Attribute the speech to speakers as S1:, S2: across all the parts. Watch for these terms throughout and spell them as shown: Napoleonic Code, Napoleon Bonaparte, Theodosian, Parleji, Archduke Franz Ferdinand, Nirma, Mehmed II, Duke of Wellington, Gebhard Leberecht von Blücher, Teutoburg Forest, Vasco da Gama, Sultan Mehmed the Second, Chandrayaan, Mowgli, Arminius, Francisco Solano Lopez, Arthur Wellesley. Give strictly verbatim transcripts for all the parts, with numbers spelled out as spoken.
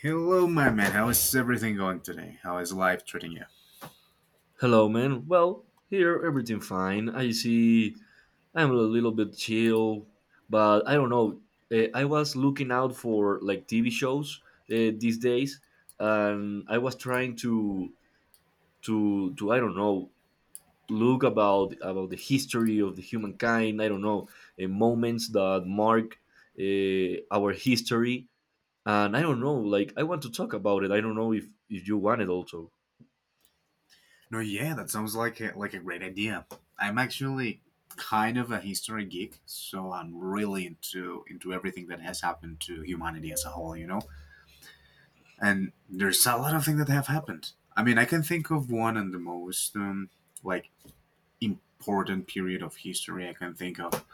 S1: Hello, my man. How is everything going today? How is life treating you?
S2: Hello, man. Well, here everything fine. I see, I'm a little bit chill, but I don't know. Uh, I was looking out for like T V shows uh, these days, and I was trying to to to I don't know look about about the history of the humankind. I don't know, uh, moments that mark uh, our history, and I don't know. Like I want to talk about it. I don't know if if you want it also.
S1: No, yeah, that sounds like a, like a great idea. I'm actually kind of a history geek, so I'm really into into everything that has happened to humanity as a whole, you know. And there's a lot of things that have happened. I mean, I can think of one and the most um, like important period of history I can think of,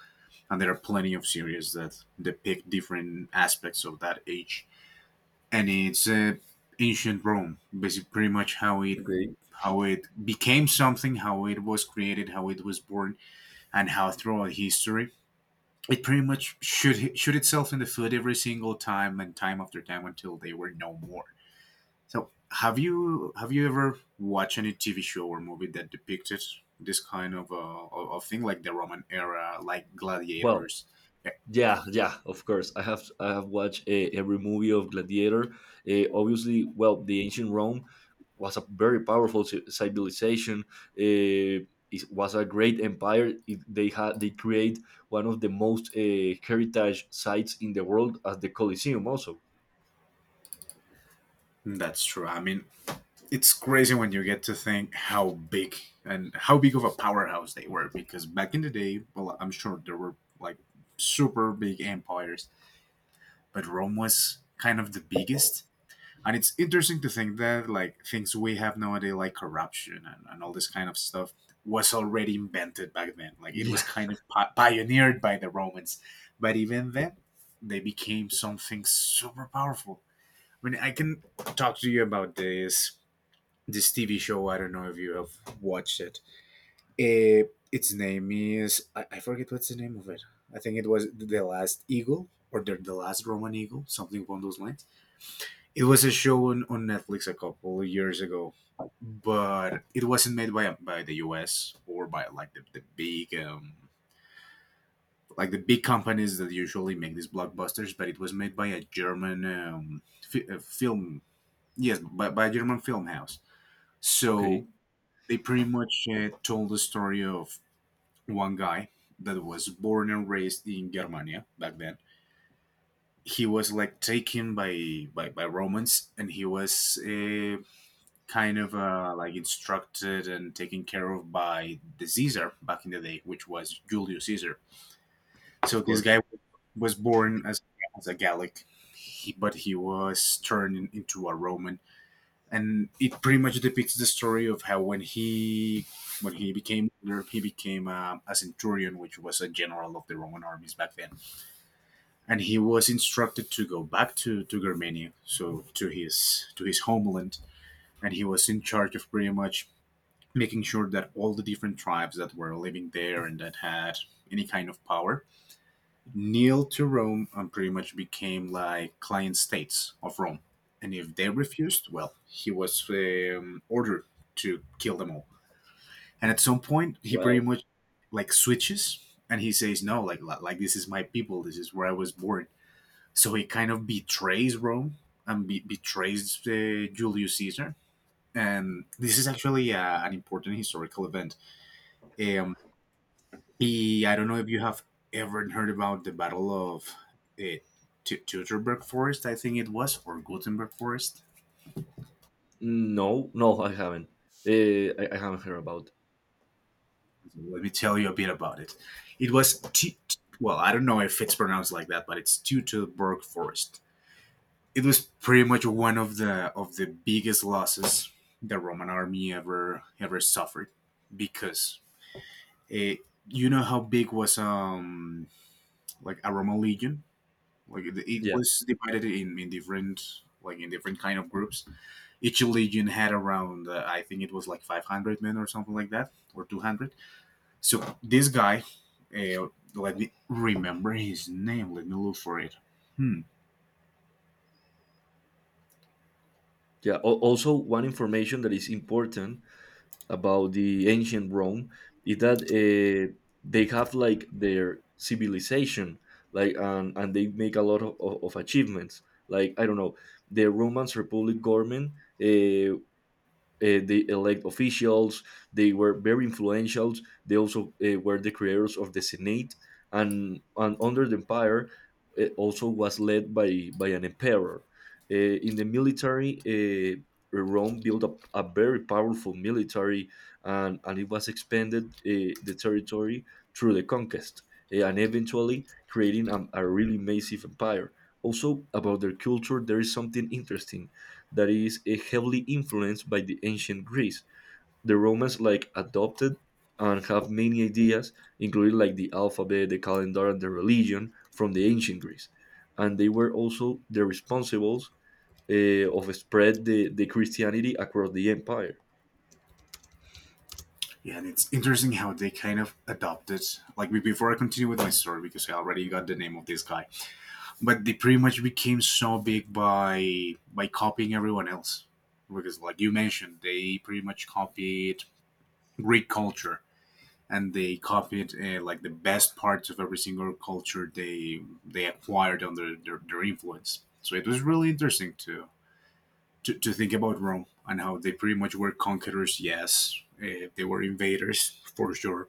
S1: and there are plenty of series that depict different aspects of that age. And it's uh, ancient Rome, basically pretty much how it
S2: Okay.
S1: how it became something, how it was created, how it was born, and how throughout history it pretty much shoot shoot itself in the foot every single time and time after time until they were no more. So have you have you ever watched any T V show or movie that depicted this kind of uh, of of thing like the Roman era, like
S2: Well,
S1: gladiators? Yeah,
S2: yeah, yeah, of course. I have I have watched uh, every movie of Gladiator. Uh, obviously, well, the ancient Rome was a very powerful ci- civilization. Uh, it was a great empire. It, they had they create one of the most uh, heritage sites in the world as the Colosseum, also.
S1: that's true. I mean, it's crazy when you get to think how big and how big of a powerhouse they were, because back in the day, well, I'm sure there were like super big empires, but Rome was kind of the biggest. And it's interesting to think that, like, things we have nowadays like corruption and, and all this kind of stuff was already invented back then. Like, it was
S2: Yeah.
S1: kind of pi- pioneered by the Romans. But even then, they became something super powerful. I mean, I can talk to you about this this T V show. I don't know if you have watched it. Eh, its name is I, I forget what's the name of it. I think it was The Last Eagle or the, the Last Roman Eagle, something along those lines. It was a show on, on Netflix a couple of years ago, but it wasn't made by by the U S or by like the, the big um, like the big companies that usually make these blockbusters. But it was made by a German um, fi- uh, film, yes, by, by a German film house. So
S2: Okay.
S1: they pretty much uh, told the story of one guy that was born and raised in Germania back then. He was like taken by by, by Romans, and he was uh, kind of uh, like instructed and taken care of by the Caesar back in the day, which was Julius Caesar. So
S2: Of
S1: this
S2: course.
S1: guy was born as, as a Gallic, he, but he was turned in- into a Roman, and it pretty much depicts the story of how when he when he became he became uh, a centurion, which was a general of the Roman armies back then, and he was instructed to go back to to Germania, so to his to his homeland, and he was in charge of pretty much making sure that all the different tribes that were living there and that had any kind of power kneel to Rome and pretty much became like client states of Rome. And if they refused, well, he was um, ordered to kill them all. And at some point, he pretty
S2: Well,
S1: much like switches and he says, "No, like like this is my people. This is where I was born." So he kind of betrays Rome and be- betrays uh, Julius Caesar. And this is actually uh, an important historical event. Um, the I don't know if you have ever heard about the Battle of uh, Tu- Teutoburg Forest, I think it was, or Gutenberg Forest.
S2: no, no, I haven't. Uh, I, I haven't heard about.
S1: Let me tell you a bit about it. It was, Tu- well, I don't know if it's pronounced like that, but it's Teutoburg Forest. It was pretty much one of the of the biggest losses the Roman army ever ever suffered, because eh, you know how big was um like a Roman legion. Like, it, it
S2: Yeah.
S1: was divided in, in different like in different kind of groups. Each legion had around uh, I think it was like five hundred men or something like that or two hundred. So this guy, uh, let me remember his name. Let me look for it. Hmm.
S2: Yeah. Al- also, one information that is important about the ancient Rome is that uh, they have like their civilization, like, and, and they make a lot of, of, of achievements. Like, I don't know, the Roman Republic government, uh, uh, the elect officials. They were very influential. They also uh, were the creators of the Senate, and, and under the empire, it also was led by by an emperor. Uh, in the military, uh, Rome built up a very powerful military, and and it was expanded, uh, the territory through the conquest, uh, and eventually creating a, a really massive empire. Also, about their culture, there is something interesting that is eh, heavily influenced by the ancient Greece. The Romans like adopted and have many ideas, including like the alphabet, the calendar, and the religion from the ancient Greece. And they were also the responsibles, eh, of spread the, the Christianity across the empire.
S1: Yeah, and it's interesting how they kind of adopted. Like, be- before I continue with my story, because I already got the name of this guy, but they pretty much became so big by by copying everyone else. Because like you mentioned, they pretty much copied Greek culture, and they copied uh, like the best parts of every single culture they they acquired under their, their influence. So it was really interesting to, to to think about Rome and how they pretty much were conquerors. Yes, uh, they were invaders for sure,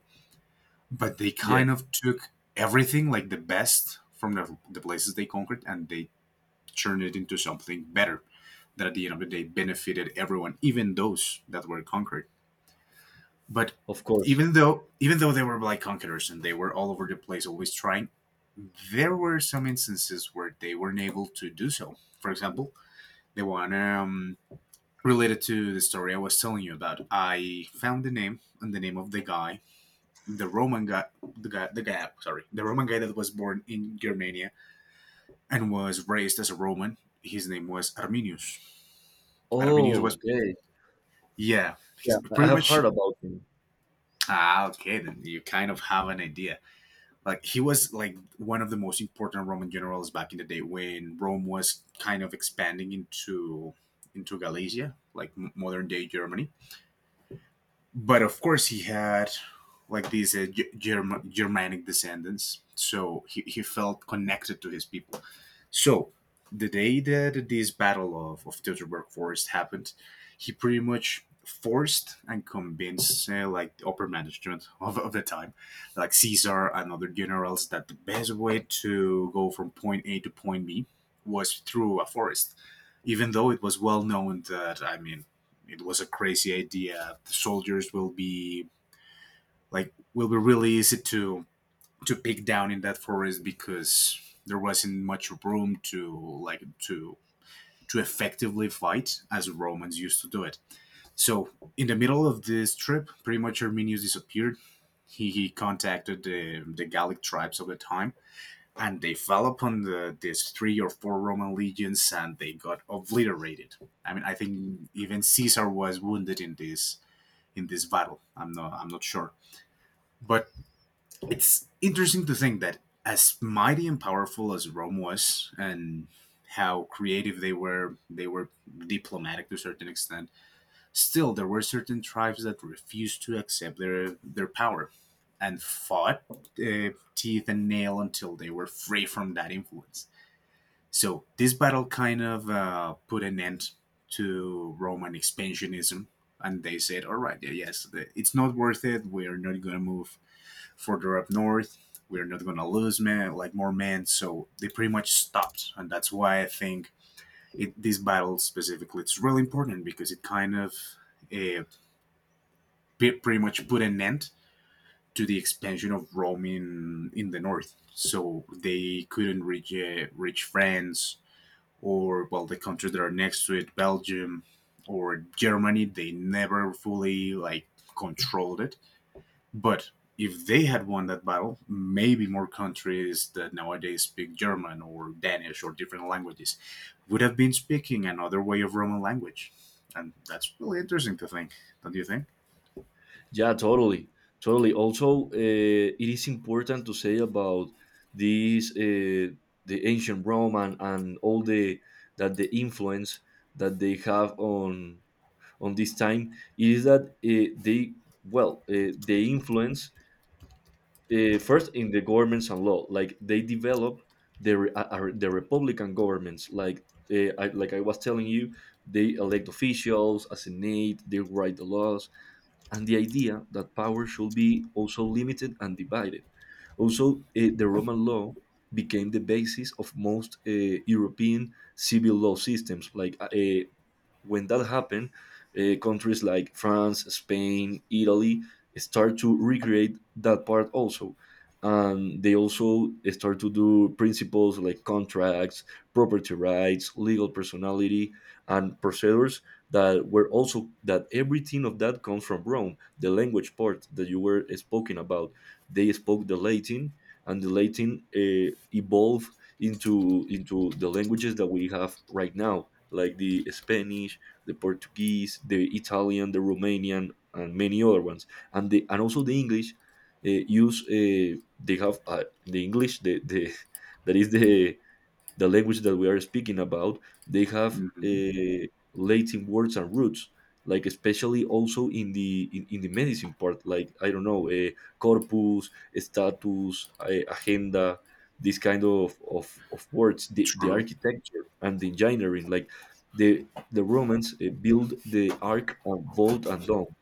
S1: but they
S2: Yeah,
S1: kind of took everything like the best from the, the places they conquered, and they turned it into something better that at the end of the day benefited everyone, even those that were conquered. But
S2: of course.
S1: even though even though they were like conquerors and they were all over the place, always trying, there were some instances where they weren't able to do so. For example, the one um, related to the story I was telling you about. I found the name and the name of the guy, the Roman guy, the guy, the guy. Sorry, the Roman guy that was born in Germania and was raised as a Roman. His name was Arminius. Arminius
S2: Oh,
S1: was,
S2: okay.
S1: yeah. He's
S2: Yeah, I
S1: pretty
S2: have heard
S1: much,
S2: about him.
S1: ah, okay. Then you kind of have an idea. Like, he was like one of the most important Roman generals back in the day when Rome was kind of expanding into into Galicia, like modern day Germany. But of course he had like these uh, Ge- Germ- germanic descendants, so he, he felt connected to his people. So the day that this battle of, of Teutoburg Forest happened, he pretty much forced and convinced uh, like the upper management of, of the time, like Caesar and other generals, that the best way to go from point A to point B was through a forest. Even though it was well known that, I mean, it was a crazy idea. The soldiers will be like will be really easy to to pick down in that forest, because there wasn't much room to like to to effectively fight as Romans used to do it. So in the middle of this trip, pretty much Arminius disappeared. He, he contacted the, the Gallic tribes of the time, and they fell upon the, these three or four Roman legions, and they got obliterated. I mean, I think even Caesar was wounded in this in this battle. I'm not I'm not sure, but it's interesting to think that as mighty and powerful as Rome was, and how creative they were, they were diplomatic to a certain extent. Still, there were certain tribes that refused to accept their their power, and fought uh, teeth and nail until they were free from that influence. So this battle kind of uh, put an end to Roman expansionism, and they said, "All right, yeah, yes, the- it's not worth it. We are not going to move further up north. We are not going to lose men, like more men." So they pretty much stopped, and that's why I think it, this battle specifically it's really important because it kind of uh, pe- pretty much put an end to the expansion of Rome in, in the north. So they couldn't reach uh, reach France, or well, the countries that are next to it, Belgium or Germany, they never fully like controlled it. But if they had won that battle, maybe more countries that nowadays speak German or Danish or different languages would have been speaking another way of Roman language. And that's really interesting to think, don't you think?
S2: Yeah, totally, totally. Also, uh, it is important to say about these, uh, the ancient Rome, and, and all the that the influence that they have on on this time is that, uh, they, well, uh, they influence, uh, first in the governments and law, like they develop the re- uh, uh, the republican governments, like. Uh, I, like I was telling you, they elect officials as a senate, they write the laws, and the idea that power should be also limited and divided. Also, eh, the Roman law became the basis of most eh, European civil law systems, like, uh, when that happened, uh, countries like France, Spain, Italy start to recreate that part also. And they also start to do principles like contracts, property rights, legal personality, and procedures that were also, that everything of that comes from Rome. The language part that you were speaking about, they spoke the Latin, and the Latin uh, evolved into into the languages that we have right now, like the Spanish, the Portuguese, the Italian, the Romanian, and many other ones. And the and also the English, uh, use, uh, they have, uh, the English, the, the that is the the language that we are speaking about, they have
S1: Mm-hmm.
S2: uh, Latin words and roots, like, especially also in the in, in the medicine part, like, I don't know, uh, corpus, status, uh, agenda, this kind of of, of words, the, the
S1: True.
S2: architecture and the engineering, like the the Romans uh, build the arc and vault and dome,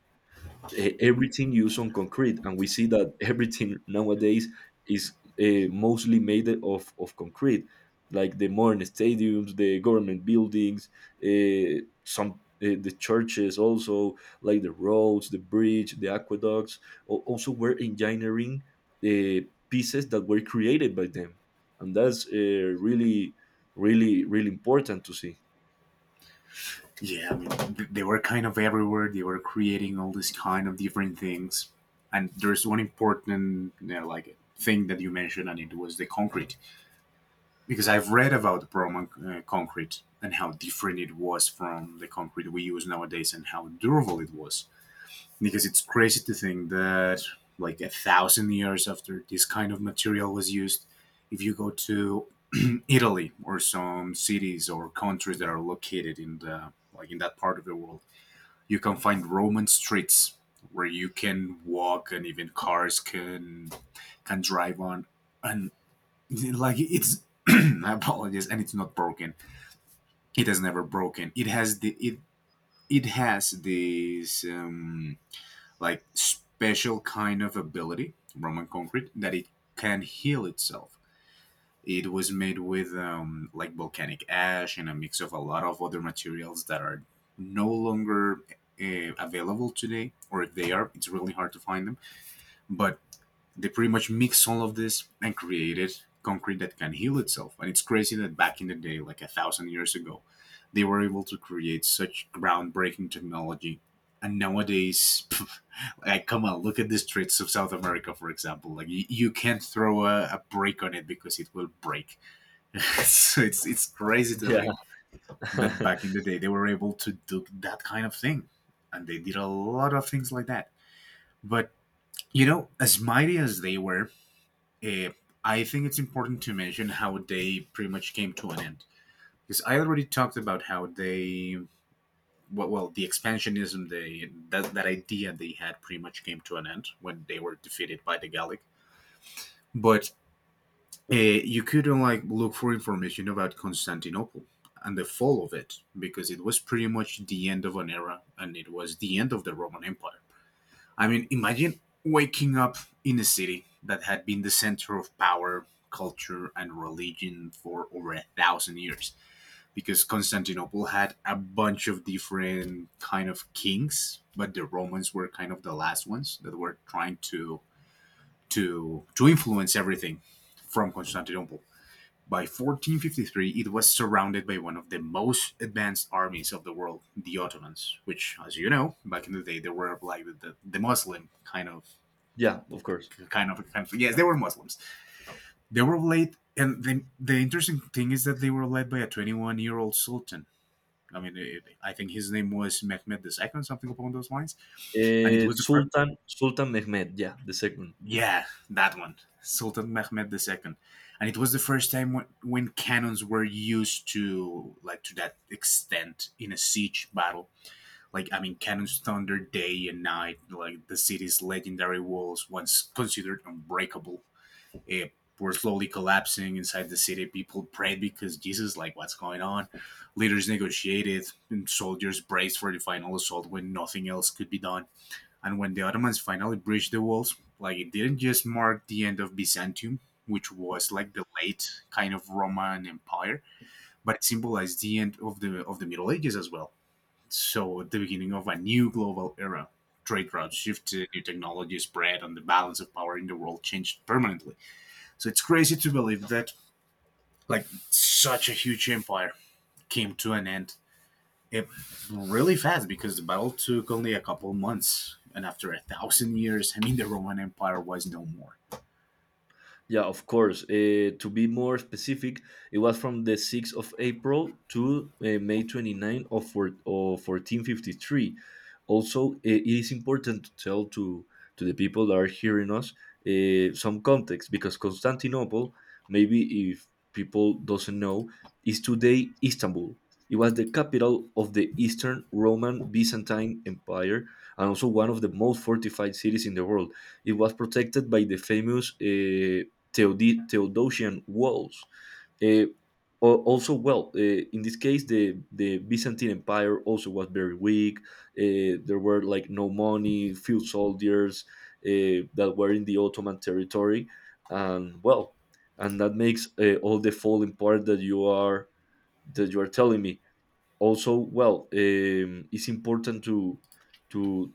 S2: eh, everything used on concrete, and we see that everything nowadays is, uh, mostly made of, of concrete, like the modern stadiums, the government buildings, uh, some, uh, the churches also, like the roads, the bridge, the aqueducts, al- also were engineering, the pieces that were created by them. And that's uh, really really really important to see.
S1: Yeah, I mean, they were kind of everywhere. They were creating all these kind of different things. And there's one important, you know, like thing that you mentioned, and it was the concrete. Because I've read about the Roman uh, concrete and how different it was from the concrete we use nowadays, and how durable it was. Because it's crazy to think that, like, a thousand years after this kind of material was used, if you go to Italy or some cities or countries that are located in the like in that part of the world, you can find Roman streets where you can walk and even cars can can drive on. And like, it's I apologize. And it's not broken. It has never broken. It has the it it has this um, like special kind of ability Roman concrete that it can heal itself. It was made with um, like volcanic ash and a mix of a lot of other materials that are no longer uh, available today, or if they are, it's really hard to find them. But they pretty much mix all of this and created concrete that can heal itself. And it's crazy that back in the day, like a thousand years ago, they were able to create such groundbreaking technology. And nowadays, like, come on, look at the streets of South America, for example. Like, you, you can't throw a, a brick on it because it will break. So it's it's crazy to
S2: Yeah.
S1: think that back in the day they were able to do that kind of thing, and they did a lot of things like that. But you know, as mighty as they were, eh, I think it's important to mention how they pretty much came to an end. Because I already talked about how they, well, well the expansionism they that that idea they had pretty much came to an end when they were defeated by the Gallic. But Uh, you could not like look for information about Constantinople and the fall of it because it was pretty much the end of an era and it was the end of the Roman Empire. I mean, imagine waking up in a city that had been the center of power, culture, and religion for over a thousand years, because Constantinople had a bunch of different kind of kings, but the Romans were kind of the last ones that were trying to to to influence everything from Constantinople. By fourteen fifty-three, it was surrounded by one of the most advanced armies of the world, the Ottomans, which, as you know, back in the day, they were like the, the Muslim kind of,
S2: Yeah, of course.
S1: kind of, kind of, yes, they were Muslims. They were led, and the, the interesting thing is that they were led by a twenty-one year old sultan. I mean, it, I think his name was Mehmed the second, something along those lines, and it
S2: Eh,
S1: was the first.
S2: Sultan, Sultan Mehmed, ya, the Second.
S1: Yeah, that one, Sultan Mehmed the second, and it was the first time when, when cannons were used to like to that extent in a siege battle. Like I mean, cannons thunder day and night. Like the city's legendary walls, once considered unbreakable, eh, were slowly collapsing inside the city. People prayed because Jesus, like, what's going on? Leaders negotiated, and soldiers braced for the final assault when nothing else could be done. And when the Ottomans finally breached the walls, like it didn't just mark the end of Byzantium, which was like the late kind of Roman Empire, but it symbolized the end of the of the Middle Ages as well. So the beginning of a new global era. Trade routes shifted, new technology spread, and the balance of power in the world changed permanently. So it's crazy to believe that like such a huge empire came to an end it really fast because the battle took only a couple months, and after a thousand years, I mean, the Roman Empire was no more.
S2: Yeah, of course. Uh, to be more specific, it was from the sixth of April to, uh, May 29 of, four, of fourteen fifty-three. Also, uh, it is important to tell to, to the people that are hearing us, uh, some context, because Constantinople, maybe if people doesn't know, is today Istanbul. It was the capital of the Eastern Roman Byzantine Empire and also one of the most fortified cities in the world. It was protected by the famous, uh, Theod- Theodosian walls. Uh, also, well, uh, in this case, the, the Byzantine Empire also was very weak. Uh, there were like no money, few soldiers, uh, that were in the Ottoman territory, and well, and that makes, uh, all the falling part that you are that you are telling me. Also, well, um, it's important to to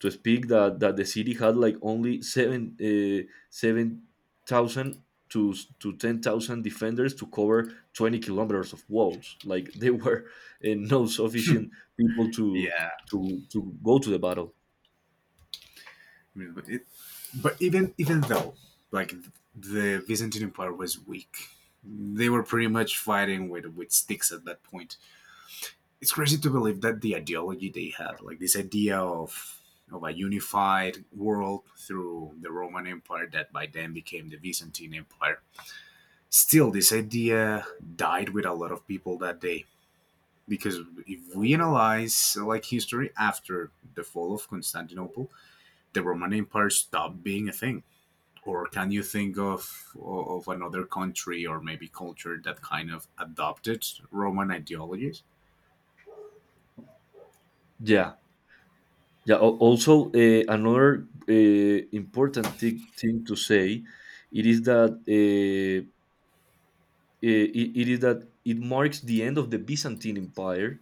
S2: to speak that that the city had like only seven uh, seven thousand to to ten thousand defenders to cover twenty kilometers of walls. Like, they were, uh, no sufficient people to
S1: Yeah.
S2: to to go to the battle.
S1: I mean, but, it, but even even though like the Byzantine Empire was weak, they were pretty much fighting with with sticks at that point. It's crazy to believe that the ideology they had, like this idea of of a unified world through the Roman Empire that by then became the Byzantine Empire. Still, this idea died with a lot of people that day, because if we analyze like history after the fall of Constantinople, the Roman Empire stopped being a thing. Or can you think of of another country or maybe culture that kind of adopted Roman ideologies?
S2: Yeah, yeah. al- Also, uh, another, uh, important thi- thing to say, it is that uh, uh, it, it is that it marks the end of the Byzantine Empire,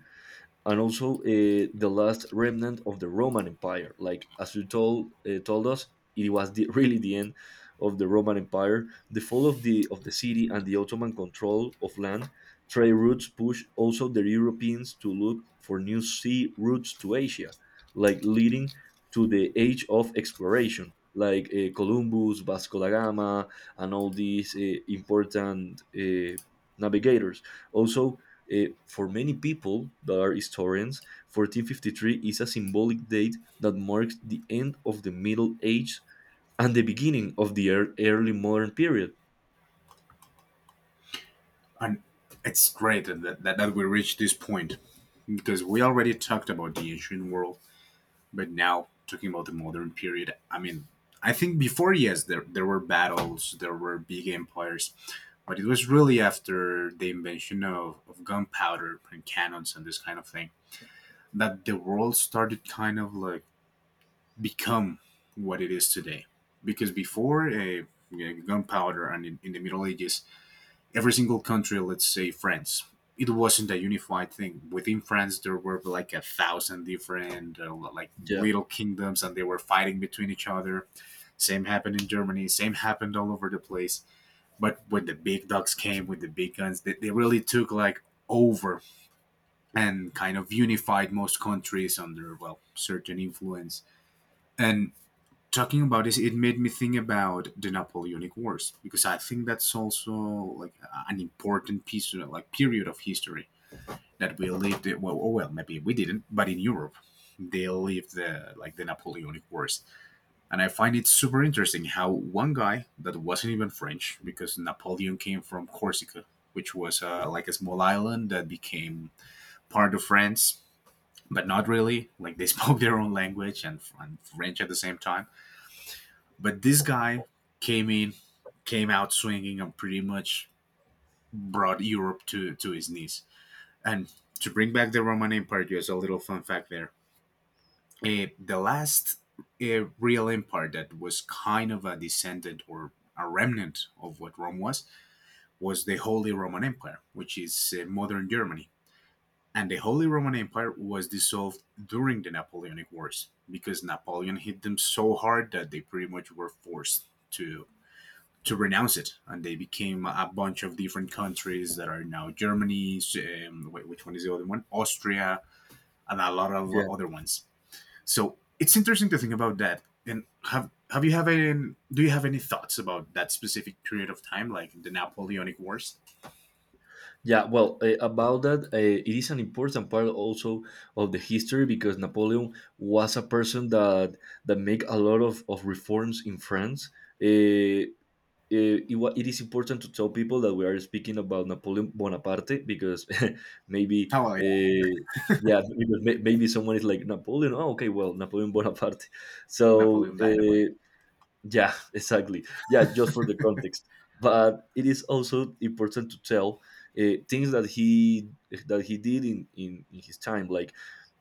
S2: and also, uh, the last remnant of the Roman Empire. Like, as you told, uh, told us, it was the, really the end of the Roman Empire. The fall of the of the city and the Ottoman control of land trade routes pushed also the Europeans to look for new sea routes to Asia, like leading to the age of exploration. Like, uh, Columbus, Vasco da Gama, and all these, uh, important, uh, navigators. Also, uh, for many people that are historians, fourteen fifty-three is a symbolic date that marks the end of the Middle Age and the beginning of the ear- early modern period.
S1: And it's great that that, that we reached this point because we already talked about the ancient world. But now talking about the modern period, I mean, I think before yes, there there were battles, there were big empires, but it was really after the invention of, of gunpowder and cannons and this kind of thing that the world started kind of like become what it is today. Because before a gunpowder and in, in the Middle Ages, every single country, let's say France, it wasn't a unified thing. Within France, there were like a thousand different uh, like
S2: Yeah,
S1: little kingdoms, and they were fighting between each other. Same happened in Germany. Same happened all over the place. But when the big dogs came with the big guns, they, they really took like over and kind of unified most countries under well certain influence, and talking about this, it made me think about the Napoleonic Wars because I think that's also like an important piece, like period of history that we lived. Well, oh well, maybe we didn't, but in Europe, they lived the like the Napoleonic Wars, and I find it super interesting how one guy that wasn't even French, because Napoleon came from Corsica, which was uh, like a small island that became part of France. But not really. Like they spoke their own language and, and French at the same time, but this guy came in, came out swinging, and pretty much brought Europe to, to his knees. And to bring back the Roman Empire, just a little fun fact there. Uh, the last uh, real empire that was kind of a descendant or a remnant of what Rome was was the Holy Roman Empire, which is uh, modern Germany. And the Holy Roman Empire was dissolved during the Napoleonic Wars because Napoleon hit them so hard that they pretty much were forced to to renounce it, and they became a bunch of different countries that are now Germany. Um, wait, which one is the other one? Austria, and a lot of
S2: yeah,
S1: other ones. So it's interesting to think about that. And have have you have any? Do you have any thoughts about that specific period of time, like the Napoleonic Wars?
S2: yeah. Well, uh, about that, uh, it is an important part also of the history, because Napoleon was a person that that make a lot of, of reforms in France. Uh, uh, it, wa- it is important to tell people that we are speaking about Napoleon Bonaparte, because maybe,
S1: Oh yeah,
S2: uh, yeah, because may, maybe someone is like, Napoleon. Oh, okay, well, Napoleon Bonaparte. So,
S1: Napoleon Dynamite.
S2: uh, yeah, exactly. Yeah, just for the context. But it is also important to tell, uh, things that he that he did in, in, in his time. Like,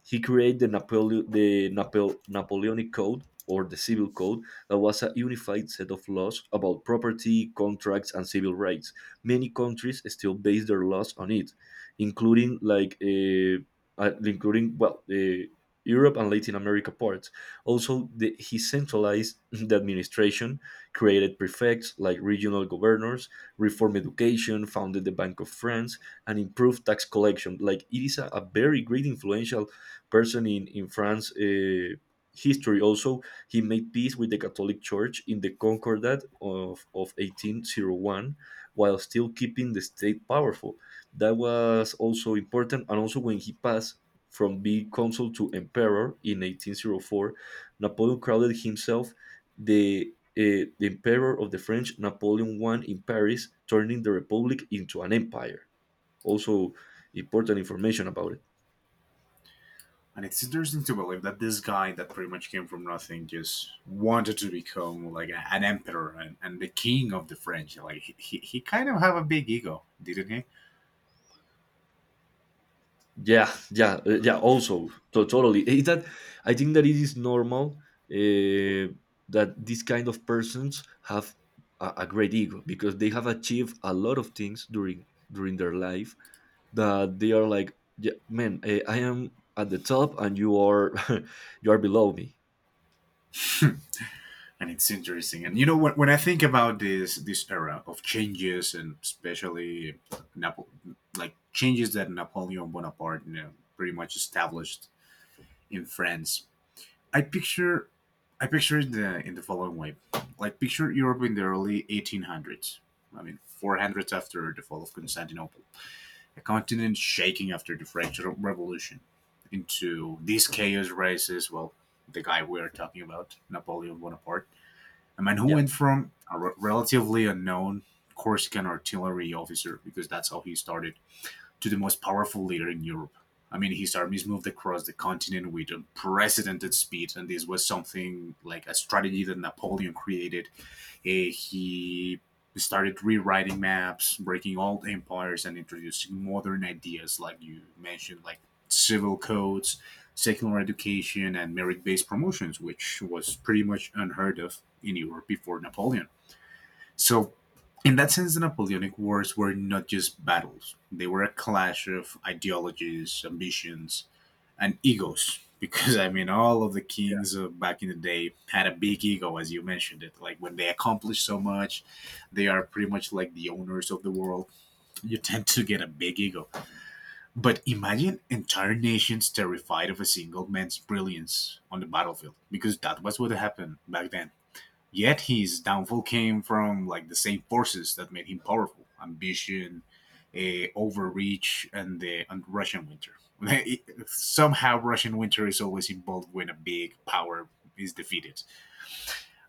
S2: he created the Napole- the Napo- Napoleonic Code, or the Civil Code, that was a unified set of laws about property, contracts, and civil rights. Many countries still base their laws on it, including like, uh, uh, including well, uh, Europe and Latin America parts. Also, the, he centralized the administration, created prefects like regional governors, reformed education, founded the Bank of France, and improved tax collection. Like, it is a, a very great influential person in in France. Uh, history also, he made peace with the Catholic Church in the Concordat of, of eighteen oh one, while still keeping the state powerful. That was also important. And also, when he passed from being consul to emperor in eighteen hundred four, Napoleon crowded himself the, uh, the emperor of the French. Napoleon won in Paris, turning the Republic into an empire. Also, important information about it.
S1: And it's interesting to believe that this guy that pretty much came from nothing just wanted to become like an emperor and, and the king of the French. Like he, he, he kind of have a big ego, didn't
S2: Yeah, yeah, uh, yeah, also, to- totally. Is that, I think that it is normal, uh, that these kind of persons have a, a great ego, because they have achieved a lot of things during during their life, that they are like, yeah, man, eh, I am at the top and you are you are below me.
S1: he? And it's interesting, and you know when, when I think about this this era of changes, and especially Napo- like changes that Napoleon Bonaparte you know, pretty much established in France. I picture, i picture it the, in the following way. Like picture Europe in the early eighteen hundreds, I mean four hundreds after the fall of Constantinople, a continent shaking after the french Re- revolution. Into this chaos rises, well, the guy we are talking about, Napoleon Bonaparte, a man who
S2: Yeah,
S1: went from a re- relatively unknown Corsican artillery officer, because that's how he started, to the most powerful leader in Europe. I mean, his armies moved across the continent with unprecedented speed, and this was something like a strategy that Napoleon created. Eh, he started rewriting maps, breaking old empires, and introducing modern ideas, like you mentioned, like civil codes, secular education, and merit based promotions, which was pretty much unheard of in Europe before Napoleon. So, in that sense, the Napoleonic Wars were not just battles, they were a clash of ideologies, ambitions, and egos, because I mean all of the kings of back in the day had a big ego, as you mentioned it, like when they accomplish so much, they are pretty much like the owners of the world, you tend to get a big ego. But imagine entire nations terrified of a single man's brilliance on the battlefield, because that was what happened back then. Yet his downfall came from like the same forces that made him powerful: ambition, uh, overreach, and the and Russian winter. It, somehow, Russian winter is always involved when a big power is defeated.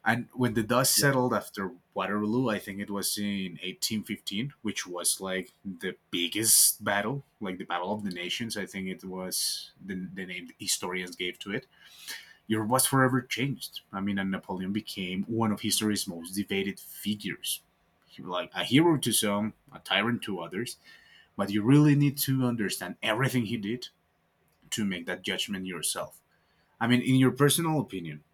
S1: And when the dust
S2: yeah.
S1: settled after Waterloo, I think it was in eighteen fifteen, which was like the biggest battle, like the Battle of the Nations. I think it was the, the name historians gave to it. Europe was forever changed. I mean, and Napoleon became one of history's most debated figures. He was like a hero to some, a tyrant to others, but you really need to understand everything he did to make that judgment yourself. I mean, in your personal opinion,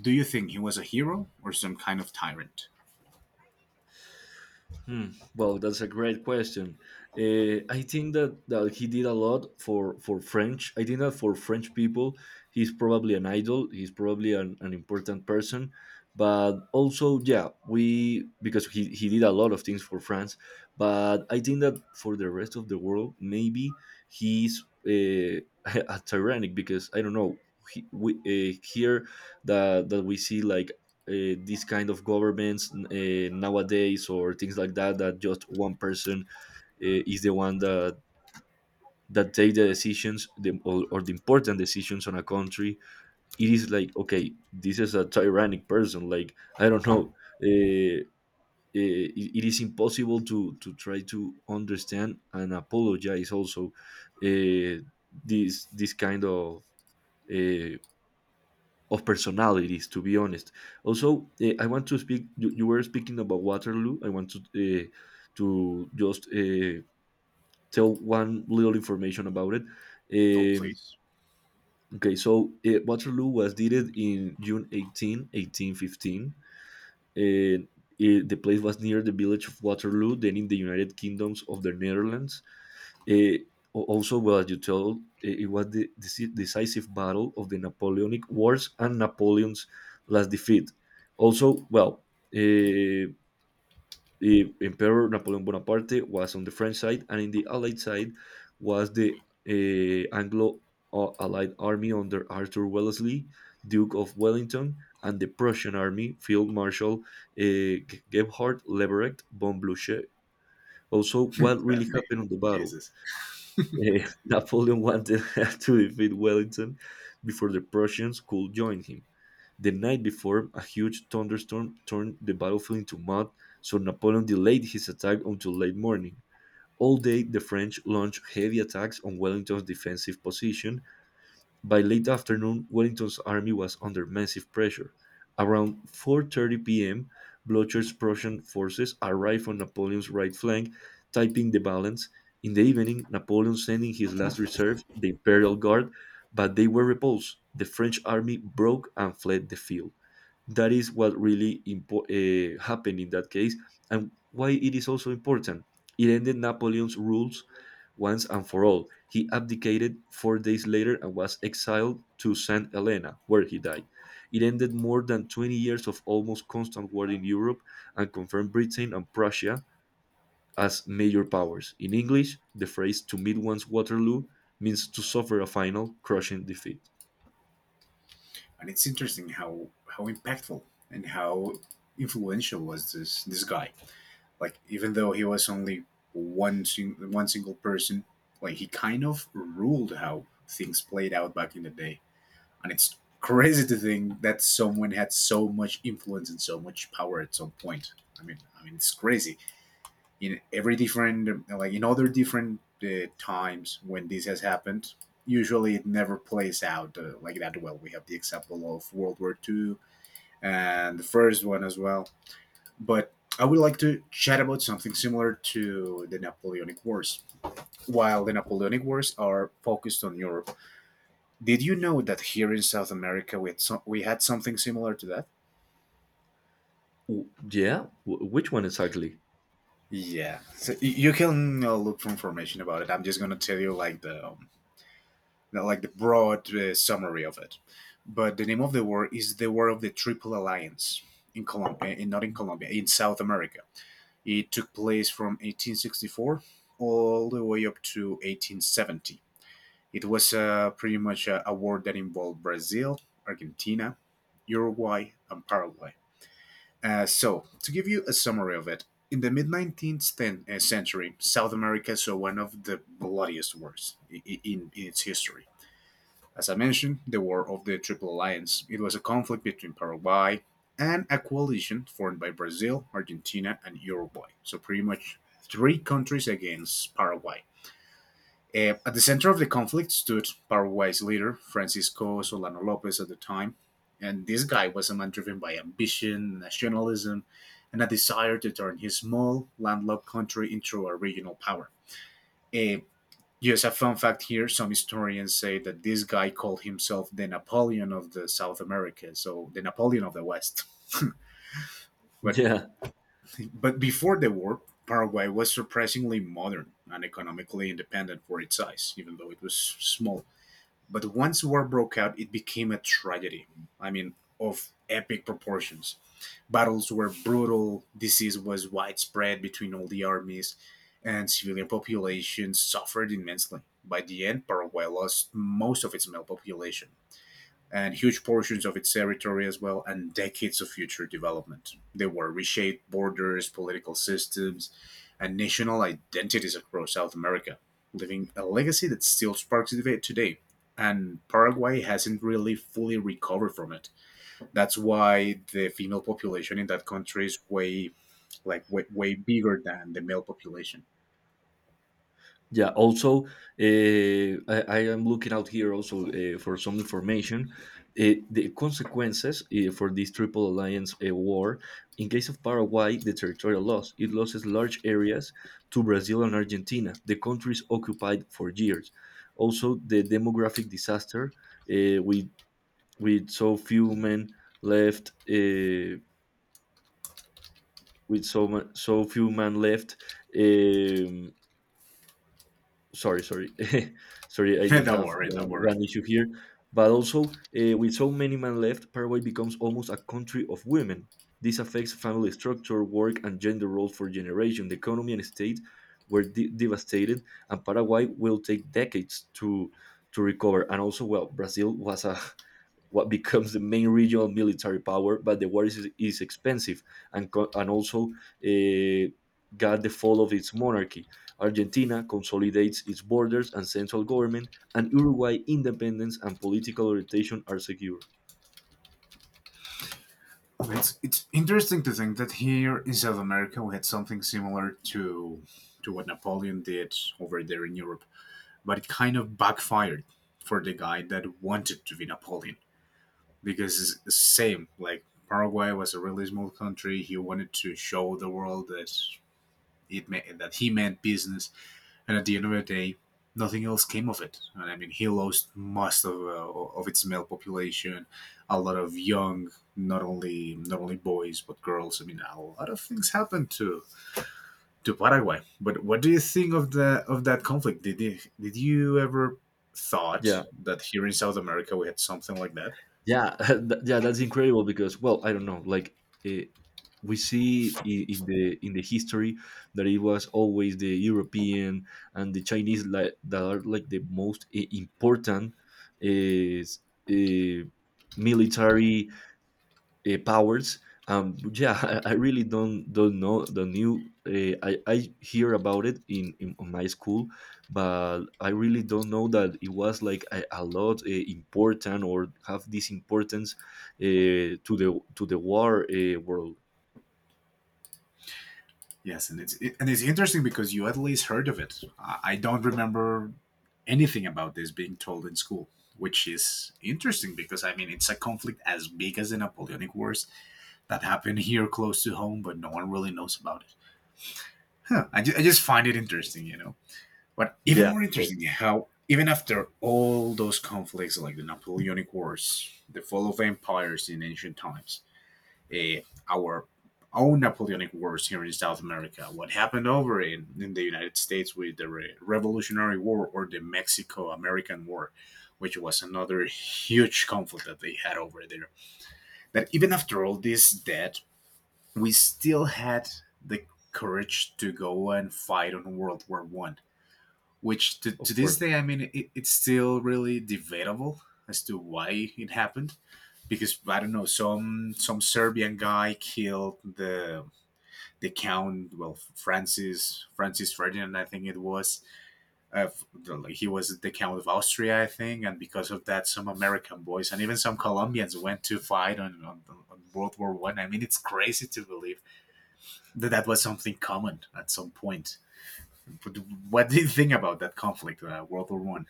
S1: do you think he was a hero or some kind of tyrant?
S2: Hmm. Well, that's a great question. Uh, I think that, that he did a lot for, for French. I think that for French people, he's probably an idol. He's probably an, an important person. But also, yeah, we because he, he did a lot of things for France. But I think that for the rest of the world, maybe he's, uh, a tyrannic, because I don't know. He, we, uh, here that that we see like, uh, these kind of governments, uh, nowadays, or things like that that just one person, uh, is the one that that take the decisions, the, or, or the important decisions on a country. It is like, okay, this is a tyrannic person, like, I don't know. Uh, uh, it, it is impossible to to try to understand and apologize also, uh, this this kind of, uh, of personalities, to be honest. Also, uh, I want to speak, you, you were speaking about Waterloo. I want to uh, to just, uh, tell one little information about it.
S1: Oh,
S2: um,
S1: please.
S2: okay so uh, waterloo was dated in June eighteenth, eighteen eighteen fifteen, and, uh, it- the place was near the village of Waterloo, then in the United Kingdoms of the Netherlands. Uh, al- also, well, as you told, eh, it was the deci- decisive battle of the Napoleonic Wars, and Napoleon's last defeat. Also, well, uh, the Emperor Napoleon Bonaparte was on the French side, and in the Allied side was the uh, Anglo uh, Allied Army under Arthur Wellesley, Duke of Wellington, and the Prussian Army, Field Marshal uh, Gebhard Leberecht von Blücher. Also, what
S1: That
S2: really
S1: name.
S2: happened on the battle?
S1: Jesus.
S2: Eh, Napoleon wanted to defeat Wellington before the Prussians could join him. The night before, a huge thunderstorm turned the battlefield into mud, so Napoleon delayed his attack until late morning. All day, the French launched heavy attacks on Wellington's defensive position. By late afternoon, Wellington's army was under massive pressure. Around four thirty p m, Blucher's Prussian forces arrived on Napoleon's right flank, tipping the balance. In the evening, Napoleon sent in his last reserve, the Imperial Guard, but they were repulsed. The French army broke and fled the field. That is what really impo- uh, happened in that case, and why it is also important. It ended Napoleon's rules once and for all. He abdicated four days later and was exiled to St Helena, where he died. It ended more than twenty years of almost constant war in Europe and confirmed Britain and Prussia as major powers. In English, the phrase to meet one's Waterloo means to suffer a final crushing defeat.
S1: And it's interesting how, how impactful and how influential was this, this guy. Like even though he was only one sing- one single person, like he kind of ruled how things played out back in the day. And it's crazy to think that someone had so much influence and so much power at some point. I mean, I mean, it's crazy. In every different, like in other different uh, times when this has happened, usually it never plays out uh, like that well. We have the example of World War Two and the first one as well. But I would like to chat about something similar to the Napoleonic Wars. While the Napoleonic Wars are focused on Europe, did you know that here in South America we had, some, we had something similar to that?
S2: W- yeah. W- which one exactly?
S1: Yeah, so y- you can uh, look for information about it. I'm just gonna tell you like the um, like the broad uh, summary of it. But the name of the war is the War of the Triple Alliance in Colombia, not in Colombia, in South America. It took place from eighteen sixty-four all the way up to eighteen seventy. It was uh, pretty much a, a war that involved Brazil, Argentina, Uruguay, and Paraguay. Uh, so, to give you a summary of it, in the mid nineteenth uh, century, South America saw one of the bloodiest wars i- in, in its history. As I mentioned, the War of the Triple Alliance. It was a conflict between Paraguay and a coalition formed by Brazil, Argentina, and Uruguay. So pretty much three countries against Paraguay. Uh, at the center of the conflict stood Paraguay's leader, Francisco Solano Lopez at the time. And this guy was a man driven by ambition, nationalism, and a desire to turn his small, landlocked country into a regional power. Uh, Yes, a fun fact here, some historians say that this guy called himself the Napoleon of the South America, so the Napoleon of the West. but,
S2: Yeah.
S1: but before the war, Paraguay was surprisingly modern and economically independent for its size, even though it was small. But once war broke out, it became a tragedy. I mean, of epic proportions. Battles were brutal, disease was widespread between all the armies, and civilian populations suffered immensely. By the end, Paraguay lost most of its male population and huge portions of its territory as well, and decades of future development. They were reshaped borders, political systems, and national identities across South America, leaving a legacy that still sparks debate today. And Paraguay hasn't really fully recovered from it. That's why the female population in that country is way, like, way, way bigger than the male population.
S2: Yeah. Also, uh, I, I am looking out here also uh, for some information. Uh, the consequences uh, for this Triple Alliance uh, war, in case of Paraguay, the territorial loss. It loses large areas to Brazil and Argentina, the countries occupied for years. Also, the demographic disaster uh, with with so few men left, uh, with so mu- so few men left. um sorry, sorry, sorry. I just
S1: Don't
S2: have
S1: worry, don't
S2: one,
S1: worry.
S2: one issue here. But also, uh, with so many men left, Paraguay becomes almost a country of women. This affects family structure, work, and gender roles for generations. The economy and state were de- devastated, and Paraguay will take decades to to recover. And also, well, Brazil was a what becomes the main regional military power, but the war is, is expensive and, and also uh, got the fall of its monarchy. Argentina consolidates its borders and central government, and Uruguay independence and political orientation are secure.
S1: It's it's interesting to think that here in South America we had something similar to to what Napoleon did over there in Europe, but it kind of backfired for the guy that wanted to be Napoleon, because it's the same, like Paraguay was a really small country. He wanted to show the world that it ma- that he meant business, and at the end of the day, nothing else came of it. And I mean, he lost most of uh, of its male population, a lot of young, not only not only boys but girls. I mean, a lot of things happened to to Paraguay. But what do you think of the of that conflict? Did you, did you ever thought
S2: Yeah,
S1: that here in South America we had something like that?
S2: yeah, th- yeah, that's incredible, because well, I don't know, like eh, we see in, in the in the history that it was always the European and the Chinese, like that are like the most eh, important is eh, military uh, powers. Um, but yeah, I, I really don't don't know the new. Uh, I I hear about it in, in on my school, but I really don't know that it was like a, a lot uh, important or have this importance uh, to the to the war uh, world.
S1: Yes, and it's it, and it's interesting because you at least heard of it. I, I don't remember anything about this being told in school, which is interesting because I mean it's a conflict as big as the Napoleonic Wars that happened here close to home, but no one really knows about it. Huh, I, ju- I just find it interesting, you know. But even
S2: Yeah, of
S1: more
S2: course,
S1: interesting how even after all those conflicts like the Napoleonic Wars, the fall of empires in ancient times, uh, our own Napoleonic Wars here in South America, what happened over in, in the United States with the Re- Revolutionary War or the Mexico American War, which was another huge conflict that they had over there. That even after all this debt, we still had the courage to go and fight on World War One, which to,
S2: of
S1: to this
S2: course.
S1: day, I mean, it, it's still really debatable as to why it happened, because I don't know, some some Serbian guy killed the the count, well, Francis Francis Ferdinand I think it was, uh, he was the count of Austria I think, and because of that some American boys and even some Colombians went to fight on, on, on World War One. I. I mean it's crazy to believe that that was something common at some point, but what do you think about that conflict, uh, World War One?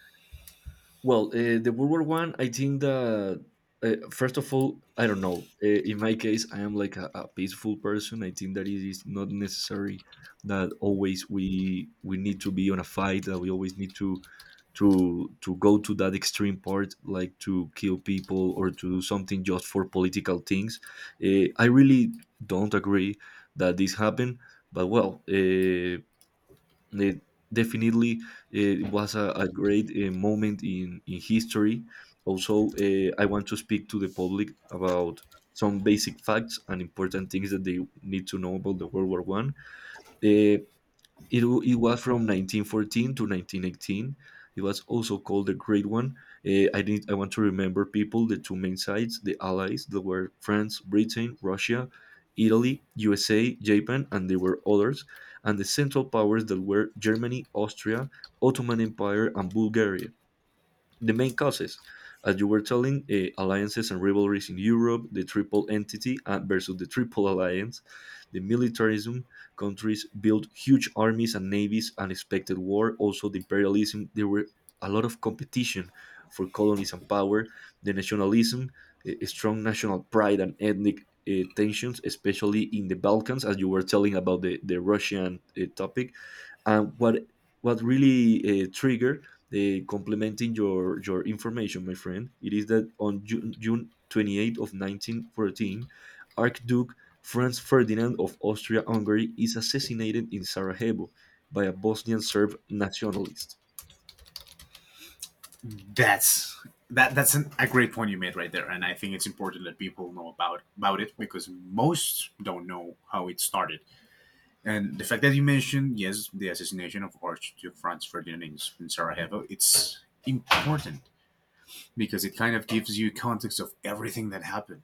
S2: Well, uh, the World War One, I, I think that uh, first of all, I don't know. Uh, in my case, I am like a, a peaceful person. I think that it is not necessary that always we we need to be on a fight. That we always need to to to go to that extreme part, like to kill people or to do something just for political things. Uh, I really don't agree that this happened. But well. Uh, it definitely uh, it was a, a great uh, moment in, in history. Also, uh, I want to speak to the public about some basic facts and important things that they need to know about the World War One. Eh, it, w- it was from nineteen fourteen to nineteen eighteen. It was also called the Great One. Eh, I need, I want to remember people, the two main sides, the allies, that were France, Britain, Russia, Italy, U S A, Japan, and there were others, and the central powers that were Germany, Austria, Ottoman Empire, and Bulgaria. The main causes, as you were telling, uh, alliances and rivalries in Europe, the Triple Entity uh, versus the Triple Alliance, the militarism, countries built huge armies and navies, unexpected war, also the imperialism. There were a lot of competition for colonies and power, the nationalism, uh, strong national pride and ethnic uh, tensions, especially in the Balkans, as you were telling about the, the Russian uh, topic. And what what really uh, triggered, uh, complementing your your information, my friend, it is that on June, June twenty-eighth of nineteen fourteen, Archduke Franz Ferdinand of Austria-Hungary is assassinated in Sarajevo by a Bosnian Serb nationalist.
S1: That's that that's an, a great point you made right there, and I think it's important that people know about about it because most don't know how it started. And the fact that you mentioned, yes, the assassination of Archduke Franz Ferdinand in Sarajevo, it's important because it kind of gives you context of everything that happened.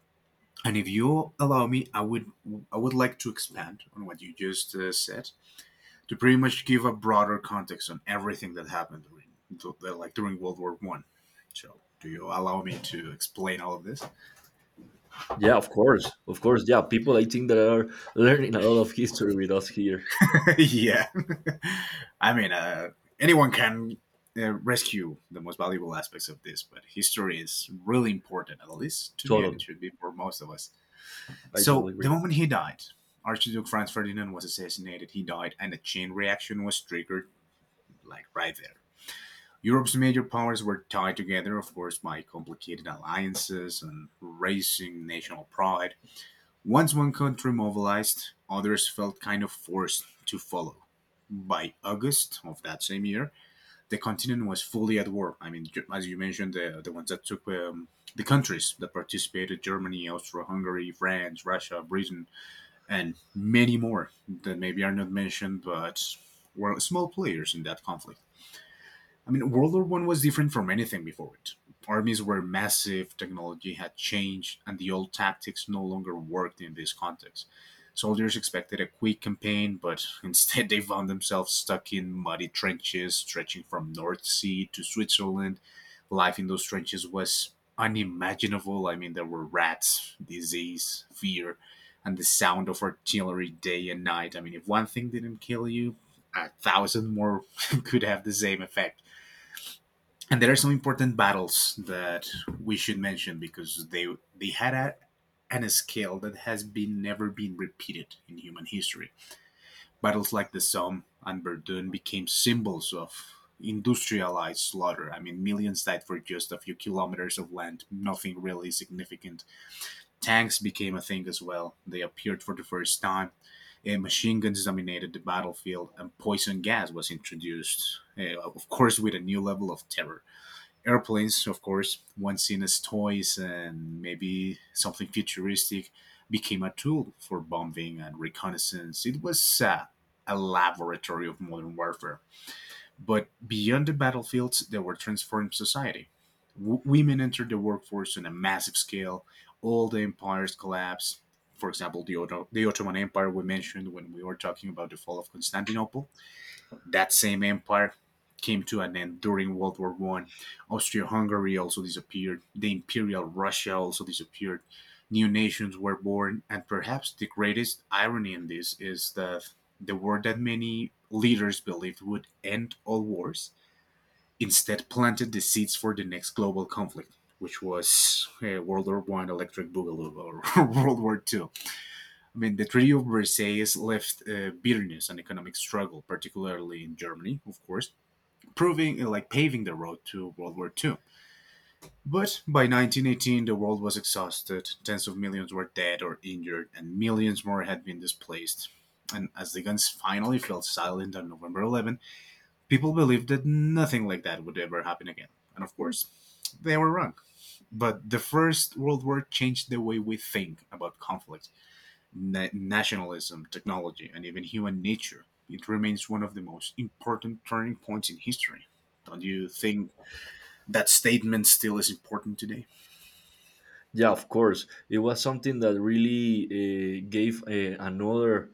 S1: And if you allow me, I would I would like to expand on what you just uh, said to pretty much give a broader context on everything that happened during like during World War One. So, do you allow me to explain all of this?
S2: Yeah, of course, of course. Yeah, people I think that are learning a lot of history with us here.
S1: Yeah, I mean, uh, anyone can uh, rescue the most valuable aspects of this, but history is really important, at least to me, and it
S2: Totally,
S1: should be for most of us.
S2: I
S1: So,
S2: totally
S1: the
S2: agree.
S1: moment he died, Archduke Franz Ferdinand was assassinated. He died, and a chain reaction was triggered, like right there. Europe's major powers were tied together, of course, by complicated alliances and raising national pride. Once one country mobilized, others felt kind of forced to follow. By August of that same year, the continent was fully at war. I mean, ju- as you mentioned, the, the ones that took um, the countries that participated, Germany, Austria Hungary, France, Russia, Britain, and many more that maybe are not mentioned but were small players in that conflict. I mean, World War One was different from anything before it. Armies were massive, technology had changed, and the old tactics no longer worked in this context. Soldiers expected a quick campaign, but instead they found themselves stuck in muddy trenches stretching from North Sea to Switzerland. Life in those trenches was unimaginable. I mean, there were rats, disease, fear, and the sound of artillery day and night. I mean, if one thing didn't kill you, a thousand more could have the same effect. And there are some important battles that we should mention because they they had a, an a scale that has been never been repeated in human history. Battles like the Somme and Verdun became symbols of industrialized slaughter. I mean, millions died for just a few kilometers of land, nothing really significant. Tanks became a thing as well. They appeared for the first time. Uh, machine guns dominated the battlefield, and poison gas was introduced, uh, of course, with a new level of terror. Airplanes, of course, once seen as toys and maybe something futuristic, became a tool for bombing and reconnaissance. It was uh, a laboratory of modern warfare. But beyond the battlefields, they were transforming society. W- women entered the workforce on a massive scale, all the empires collapsed. For example, the, Otto- the Ottoman Empire we mentioned when we were talking about the fall of Constantinople. That same empire came to an end during World War One. Austria-Hungary also disappeared. The Imperial Russia also disappeared. New nations were born, and perhaps the greatest irony in this is that the war that many leaders believed would end all wars instead planted the seeds for the next global conflict, which was uh, World War One electric boogaloo, or World War Two. I mean, the Treaty of Versailles left uh, bitterness and economic struggle, particularly in Germany, of course, proving like paving the road to World War two. But by nineteen eighteen, the world was exhausted. Tens of millions were dead or injured, and millions more had been displaced. And as the guns finally fell silent on November eleventh, people believed that nothing like that would ever happen again. And of course, they were wrong. But the First World War changed the way we think about conflict, na- nationalism, technology, and even human nature. It remains one of the most important turning points in history. Don't you think that statement still is important today?
S2: Yeah, of course. It was something that really uh, gave uh, another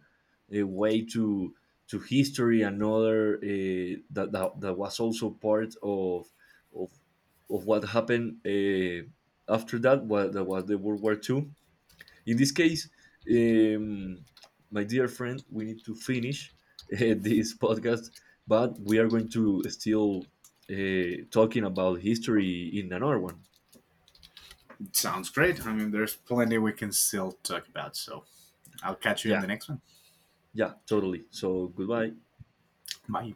S2: uh, way to to history, another uh, that, that that was also part of of of what happened uh, after that. What that was the World War Two. In this case, um, my dear friend, we need to finish uh, this podcast, but we are going to still uh, talking about history in another one.
S1: It sounds great. I mean, there's plenty we can still talk about. So I'll catch you in
S2: Yeah.
S1: the next one.
S2: Yeah, totally. So goodbye.
S1: Bye.